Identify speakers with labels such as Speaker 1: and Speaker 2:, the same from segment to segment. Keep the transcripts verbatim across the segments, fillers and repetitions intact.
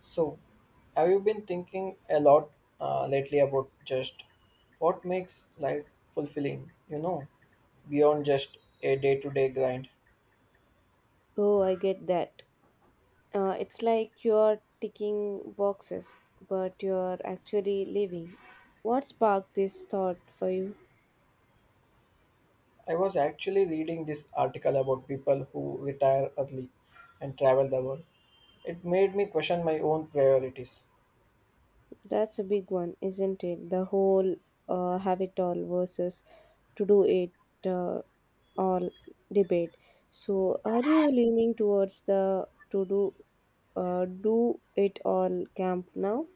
Speaker 1: So, have you been thinking a lot uh, lately about just what makes life fulfilling, you know, beyond just a day to day grind?
Speaker 2: Oh, I get that. Uh, it's like you're ticking boxes, but you're actually living. What sparked this thought for you?
Speaker 1: I was actually reading this article about people who retire early and travel the world. It made me question my own priorities.
Speaker 2: That's a big one, isn't it? The whole uh, have it all versus to do it uh, all debate. So, are you leaning towards the to do uh, do it all camp now?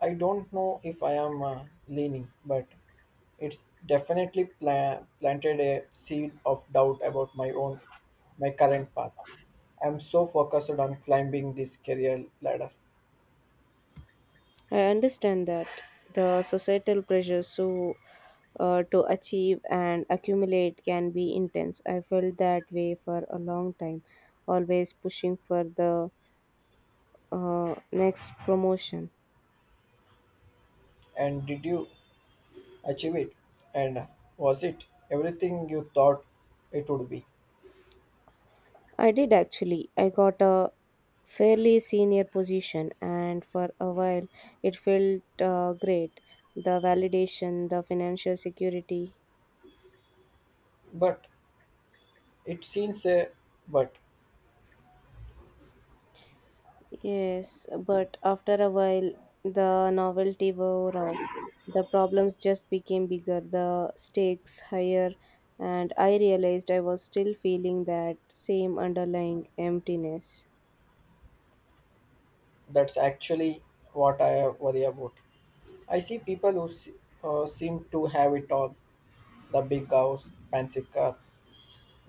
Speaker 1: I don't know if I am uh, leaning, but it's definitely pla- planted a seed of doubt about my own, my current path. I'm so focused on climbing this career ladder.
Speaker 2: I understand that the societal pressures so uh, to achieve and accumulate can be intense. I felt that way for a long time, always pushing for the uh, next promotion.
Speaker 1: And did you achieve it? And was it everything you thought it would be?
Speaker 2: I did actually. I got a fairly senior position, and for a while it felt uh, great. The validation, the financial security.
Speaker 1: But it seems a but
Speaker 2: Yes, but after a while, the novelty wore off. The problems just became bigger, the stakes higher, and I realized I was still feeling that same underlying emptiness.
Speaker 1: that's actually what I worry about. I see people who se- uh, seem to have it all, the big house, fancy car,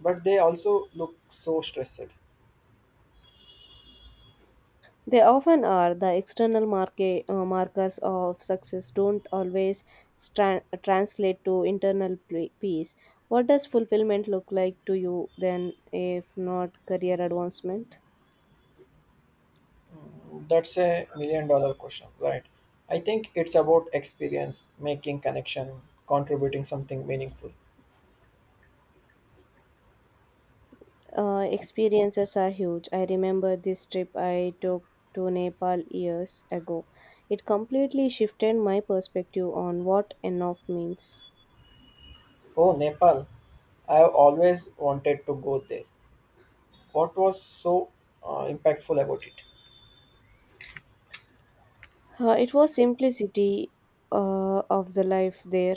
Speaker 1: but they also look so stressed.
Speaker 2: They often are. The external market, uh, markers of success don't always stra- translate to internal pl- peace. What does fulfillment look like to you then, if not career advancement?
Speaker 1: That's a million dollar question, right? I think it's about experience, making connection, contributing something meaningful.
Speaker 2: Uh, experiences are huge. I remember this trip I took to Nepal years ago. It completely shifted my perspective on what enough means.
Speaker 1: Oh, Nepal. I have always wanted to go there. What was so uh, impactful about it?
Speaker 2: Uh, it was simplicity uh, of the life there,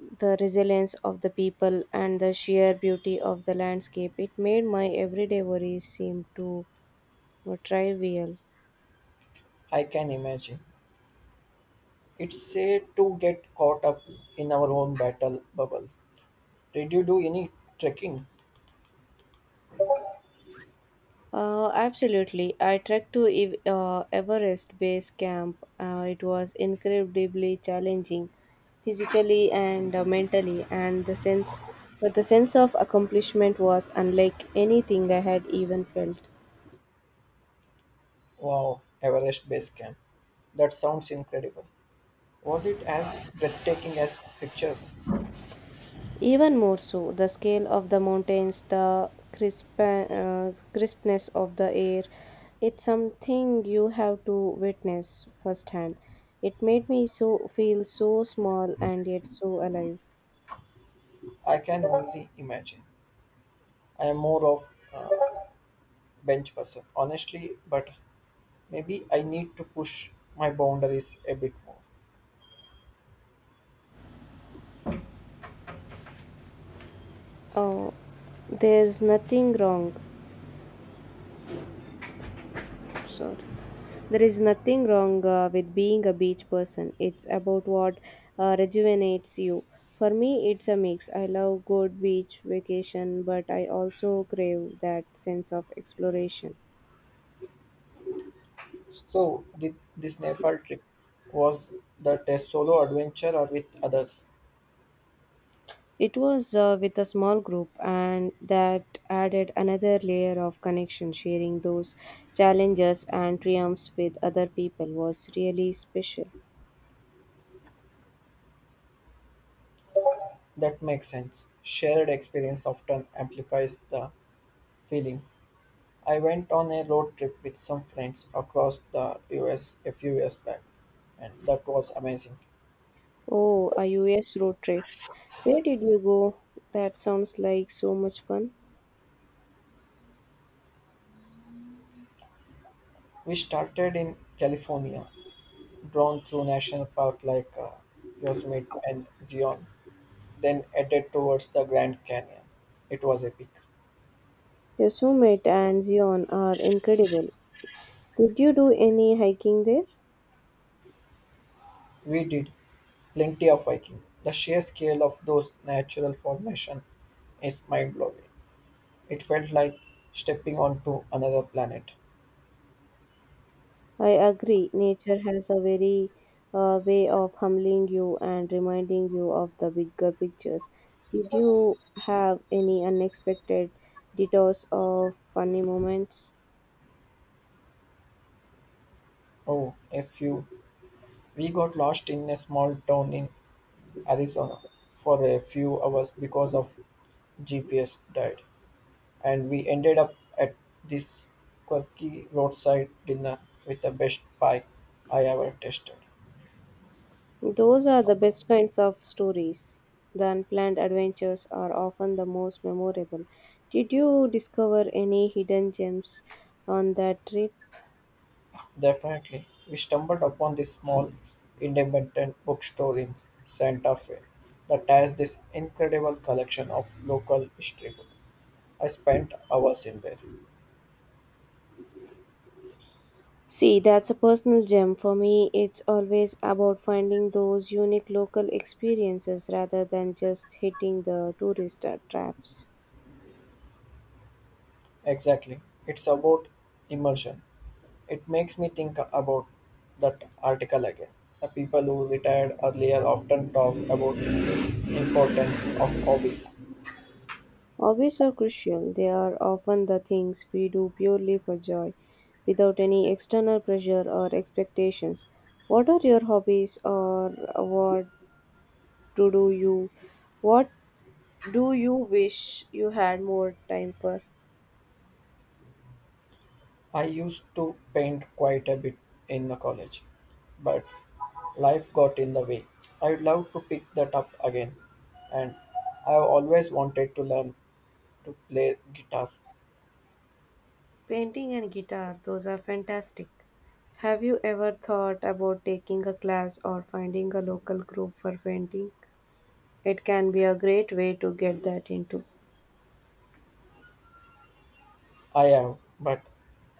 Speaker 2: the resilience of the people, and the sheer beauty of the landscape. It made my everyday worries seem to uh, trivial.
Speaker 1: I can imagine. It's said to get caught up in our own battle bubble. Did you do any trekking?
Speaker 2: Uh, absolutely. I trekked to Ev- uh, Everest Base Camp. Uh, it was incredibly challenging, physically and uh, mentally, and the sense, but the sense of accomplishment was unlike anything I had even felt.
Speaker 1: Wow, Everest Base Camp. That sounds incredible. Was it as breathtaking as pictures?
Speaker 2: Even more so, the scale of the mountains, the crisp, uh, crispness of the air, it's something you have to witness firsthand. It made me so feel so small and yet so alive.
Speaker 1: I can only imagine. I am more of a bench person, honestly, but maybe I need to push my boundaries a bit more.
Speaker 2: Oh, there's nothing wrong. Sorry. There is nothing wrong uh, with being a beach person. It's about what uh, rejuvenates you. For me, it's a mix. I love good beach vacation, but I also crave that sense of exploration.
Speaker 1: So, did this Nepal trip was that a solo adventure or with others?
Speaker 2: It was uh, with a small group, and that added another layer of connection. Sharing those challenges and triumphs with other people was really special.
Speaker 1: That makes sense. Shared experience often amplifies the feeling. I went on a road trip with some friends across the U S a few years back, and that was amazing.
Speaker 2: Oh, a U S road trip. Where did you go? That sounds like so much fun.
Speaker 1: We started in California, drawn through national park like uh, Yosemite and Zion, then headed towards the Grand Canyon. It was epic.
Speaker 2: Yosemite and Zion are incredible. Did you do any hiking there?
Speaker 1: We did plenty of hiking. The sheer scale of those natural formations is mind blowing. It felt like stepping onto another planet.
Speaker 2: I agree, nature has a very uh, way of humbling you and reminding you of the bigger pictures. Did you have any unexpected detours or funny moments?
Speaker 1: Oh, a few. We got lost in a small town in Arizona for a few hours because of G P S died, and we ended up at this quirky roadside dinner with the best pie I ever tasted.
Speaker 2: Those are the best kinds of stories. The unplanned adventures are often the most memorable. Did you discover any hidden gems on that trip?
Speaker 1: Definitely, we stumbled upon this small independent bookstore in Santa Fe that has this incredible collection of local history books. I spent hours in there.
Speaker 2: See, that's a personal gem. For me, it's always about finding those unique local experiences rather than just hitting the tourist uh, traps.
Speaker 1: Exactly. It's about immersion. It makes me think about that article again. The people who retired earlier often talk about importance of hobbies.
Speaker 2: Hobbies are crucial. They are often the things we do purely for joy, without any external pressure or expectations. What are your hobbies, or what to do you what do you wish you had more time for?
Speaker 1: I used to paint quite a bit in the college, but life got in the way. I'd love to pick that up again, and I've always wanted to learn to play guitar.
Speaker 2: Painting and guitar, those are fantastic. Have you ever thought about taking a class or finding a local group for painting? It can be a great way to get that into.
Speaker 1: I am, but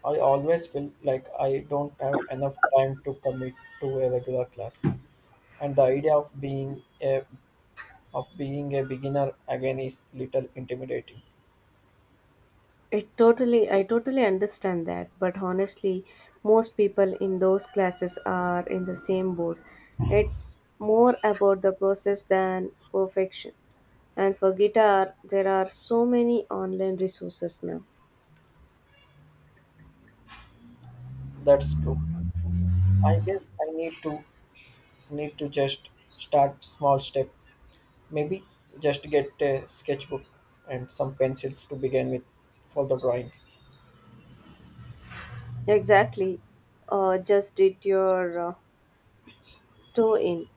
Speaker 1: I always feel like I don't have enough time to commit to a regular class. And the idea of being a of being a beginner again is little intimidating.
Speaker 2: It totally, I totally understand that, but honestly, most people in those classes are in the same boat. It's more about the process than perfection. And for guitar, there are so many online resources now.
Speaker 1: That's true. I guess I need to need to just start small steps. Maybe just get a sketchbook and some pencils to begin with for the drawing.
Speaker 2: Exactly. Uh, just did your uh, throw in.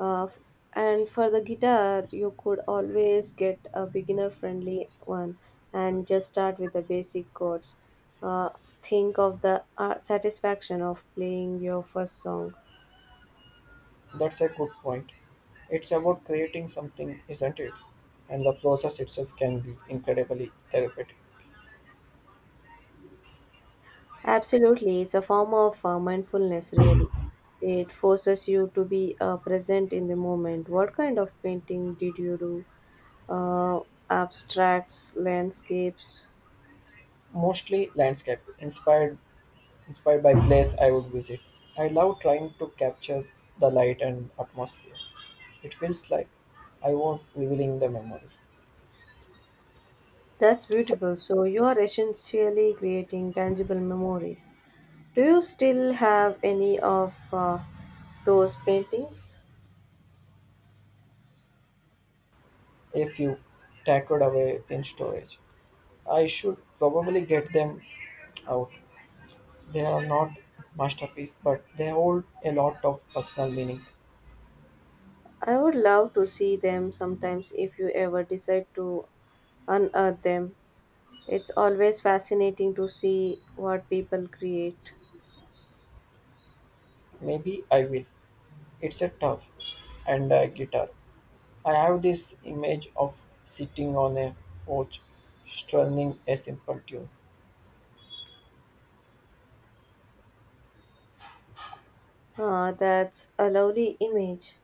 Speaker 2: Uh, f- and for the guitar, you could always get a beginner friendly one and just start with the basic chords. Uh, think of the uh, satisfaction of playing your first song.
Speaker 1: That's a good point. It's about creating something, isn't it? And the process itself can be incredibly therapeutic.
Speaker 2: Absolutely, it's a form of uh, mindfulness, really. It forces you to be uh, present in the moment. What kind of painting did you do? Uh, Abstracts, landscapes?
Speaker 1: Mostly landscape, inspired inspired by place I would visit. I love trying to capture the light and atmosphere. It feels like I won't revealing the memory.
Speaker 2: That's beautiful. So you are essentially creating tangible memories. Do you still have any of uh, those paintings?
Speaker 1: If you tackled away in storage, I should probably get them out. They are not masterpiece, but they hold a lot of personal meaning.
Speaker 2: I would love to see them sometimes if you ever decide to unearth them. It's always fascinating to see what people create.
Speaker 1: Maybe I will. It's a tough and a guitar. I have this image of sitting on a porch strumming a simple tune.
Speaker 2: Ah, that's a lovely image.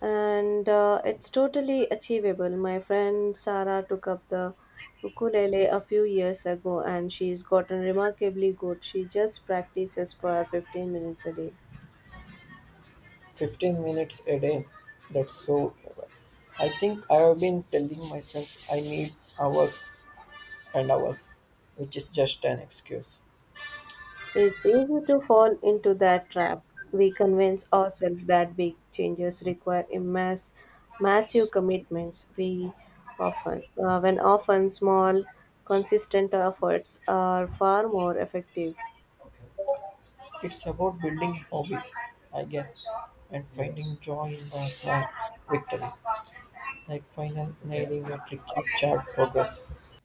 Speaker 2: And uh, it's totally achievable. My friend Sarah took up the ukulele a few years ago and she's gotten remarkably good. She just practices for fifteen minutes a day.
Speaker 1: fifteen minutes a day. That's so well. I think I have been telling myself I need hours and hours, which is just an excuse.
Speaker 2: It's easy to fall into that trap. We convince ourselves that big changes require immense, massive commitments. We often, uh, when often small, consistent efforts are far more effective.
Speaker 1: It's about building hobbies, I guess, and yes, finding joy in the small victories, like final nailing a tricky chart progress.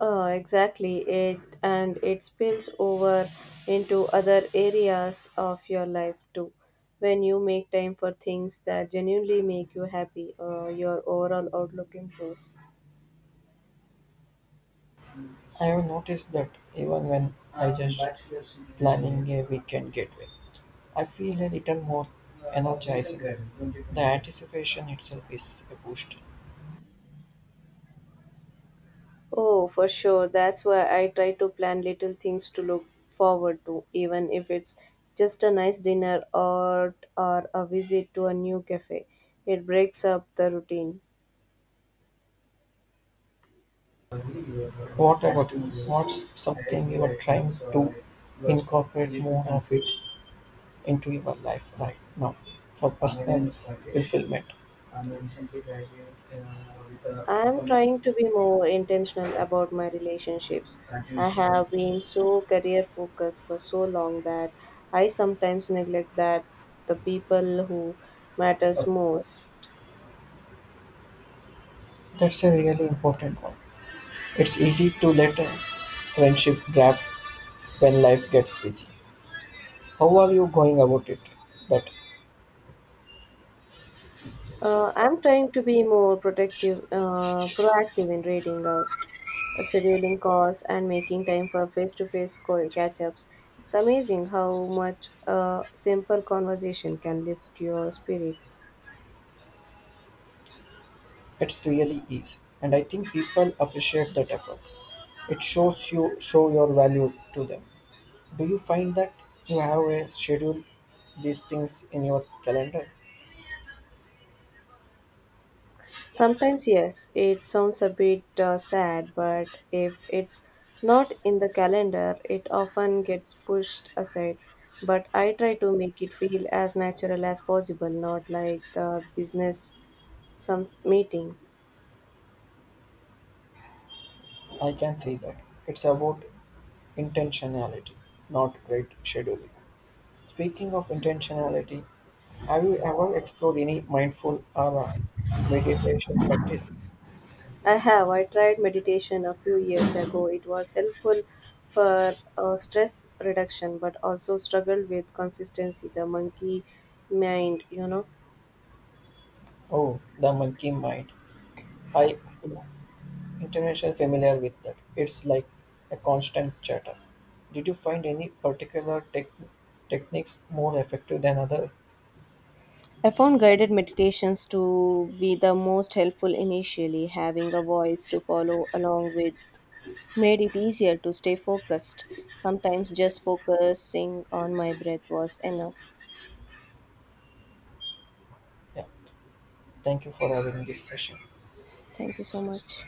Speaker 2: Uh, exactly, it and it spills over into other areas of your life too. When you make time for things that genuinely make you happy, uh, your overall outlook improves.
Speaker 1: I have noticed that even when I just planning a weekend getaway, I feel a little more energizing. The anticipation itself is a boost.
Speaker 2: Oh, for sure, that's why I try to plan little things to look forward to, even if it's just a nice dinner or or a visit to a new cafe. It breaks up the routine.
Speaker 1: What about you? What's something you are trying to incorporate more of it into your life right now for personal fulfillment?
Speaker 2: I'm trying to be more intentional about my relationships. I have been so career focused for so long that I sometimes neglect that the people who matters most.
Speaker 1: That's a really important one. It's easy to let a friendship drift when life gets busy. How are you going about it? That
Speaker 2: Uh, I'm trying to be more protective, uh, proactive in reading out, uh, scheduling calls, and making time for face-to-face call catch-ups. It's amazing how much a simple conversation can lift your spirits.
Speaker 1: it's really easy, and I think people appreciate that effort. It shows you show your value to them. Do you find that you have a schedule these things in your calendar?
Speaker 2: Sometimes, yes, it sounds a bit uh, sad, but if it's not in the calendar, it often gets pushed aside. But I try to make it feel as natural as possible, not like the business some meeting.
Speaker 1: I can see that. It's about intentionality, not great scheduling. Speaking of intentionality, have you ever explored any mindful or meditation practice?
Speaker 2: I have. I tried meditation a few years ago. It was helpful for uh, stress reduction, but also struggled with consistency, the monkey mind, you know.
Speaker 1: Oh, the monkey mind. I am internationally familiar with that. It's like a constant chatter. Did you find any particular tech techniques more effective than other?
Speaker 2: I found guided meditations to be the most helpful initially. Having a voice to follow along with made it easier to stay focused. Sometimes just focusing on my breath was enough.
Speaker 1: Yeah. Thank you for having this session.
Speaker 2: Thank you so much.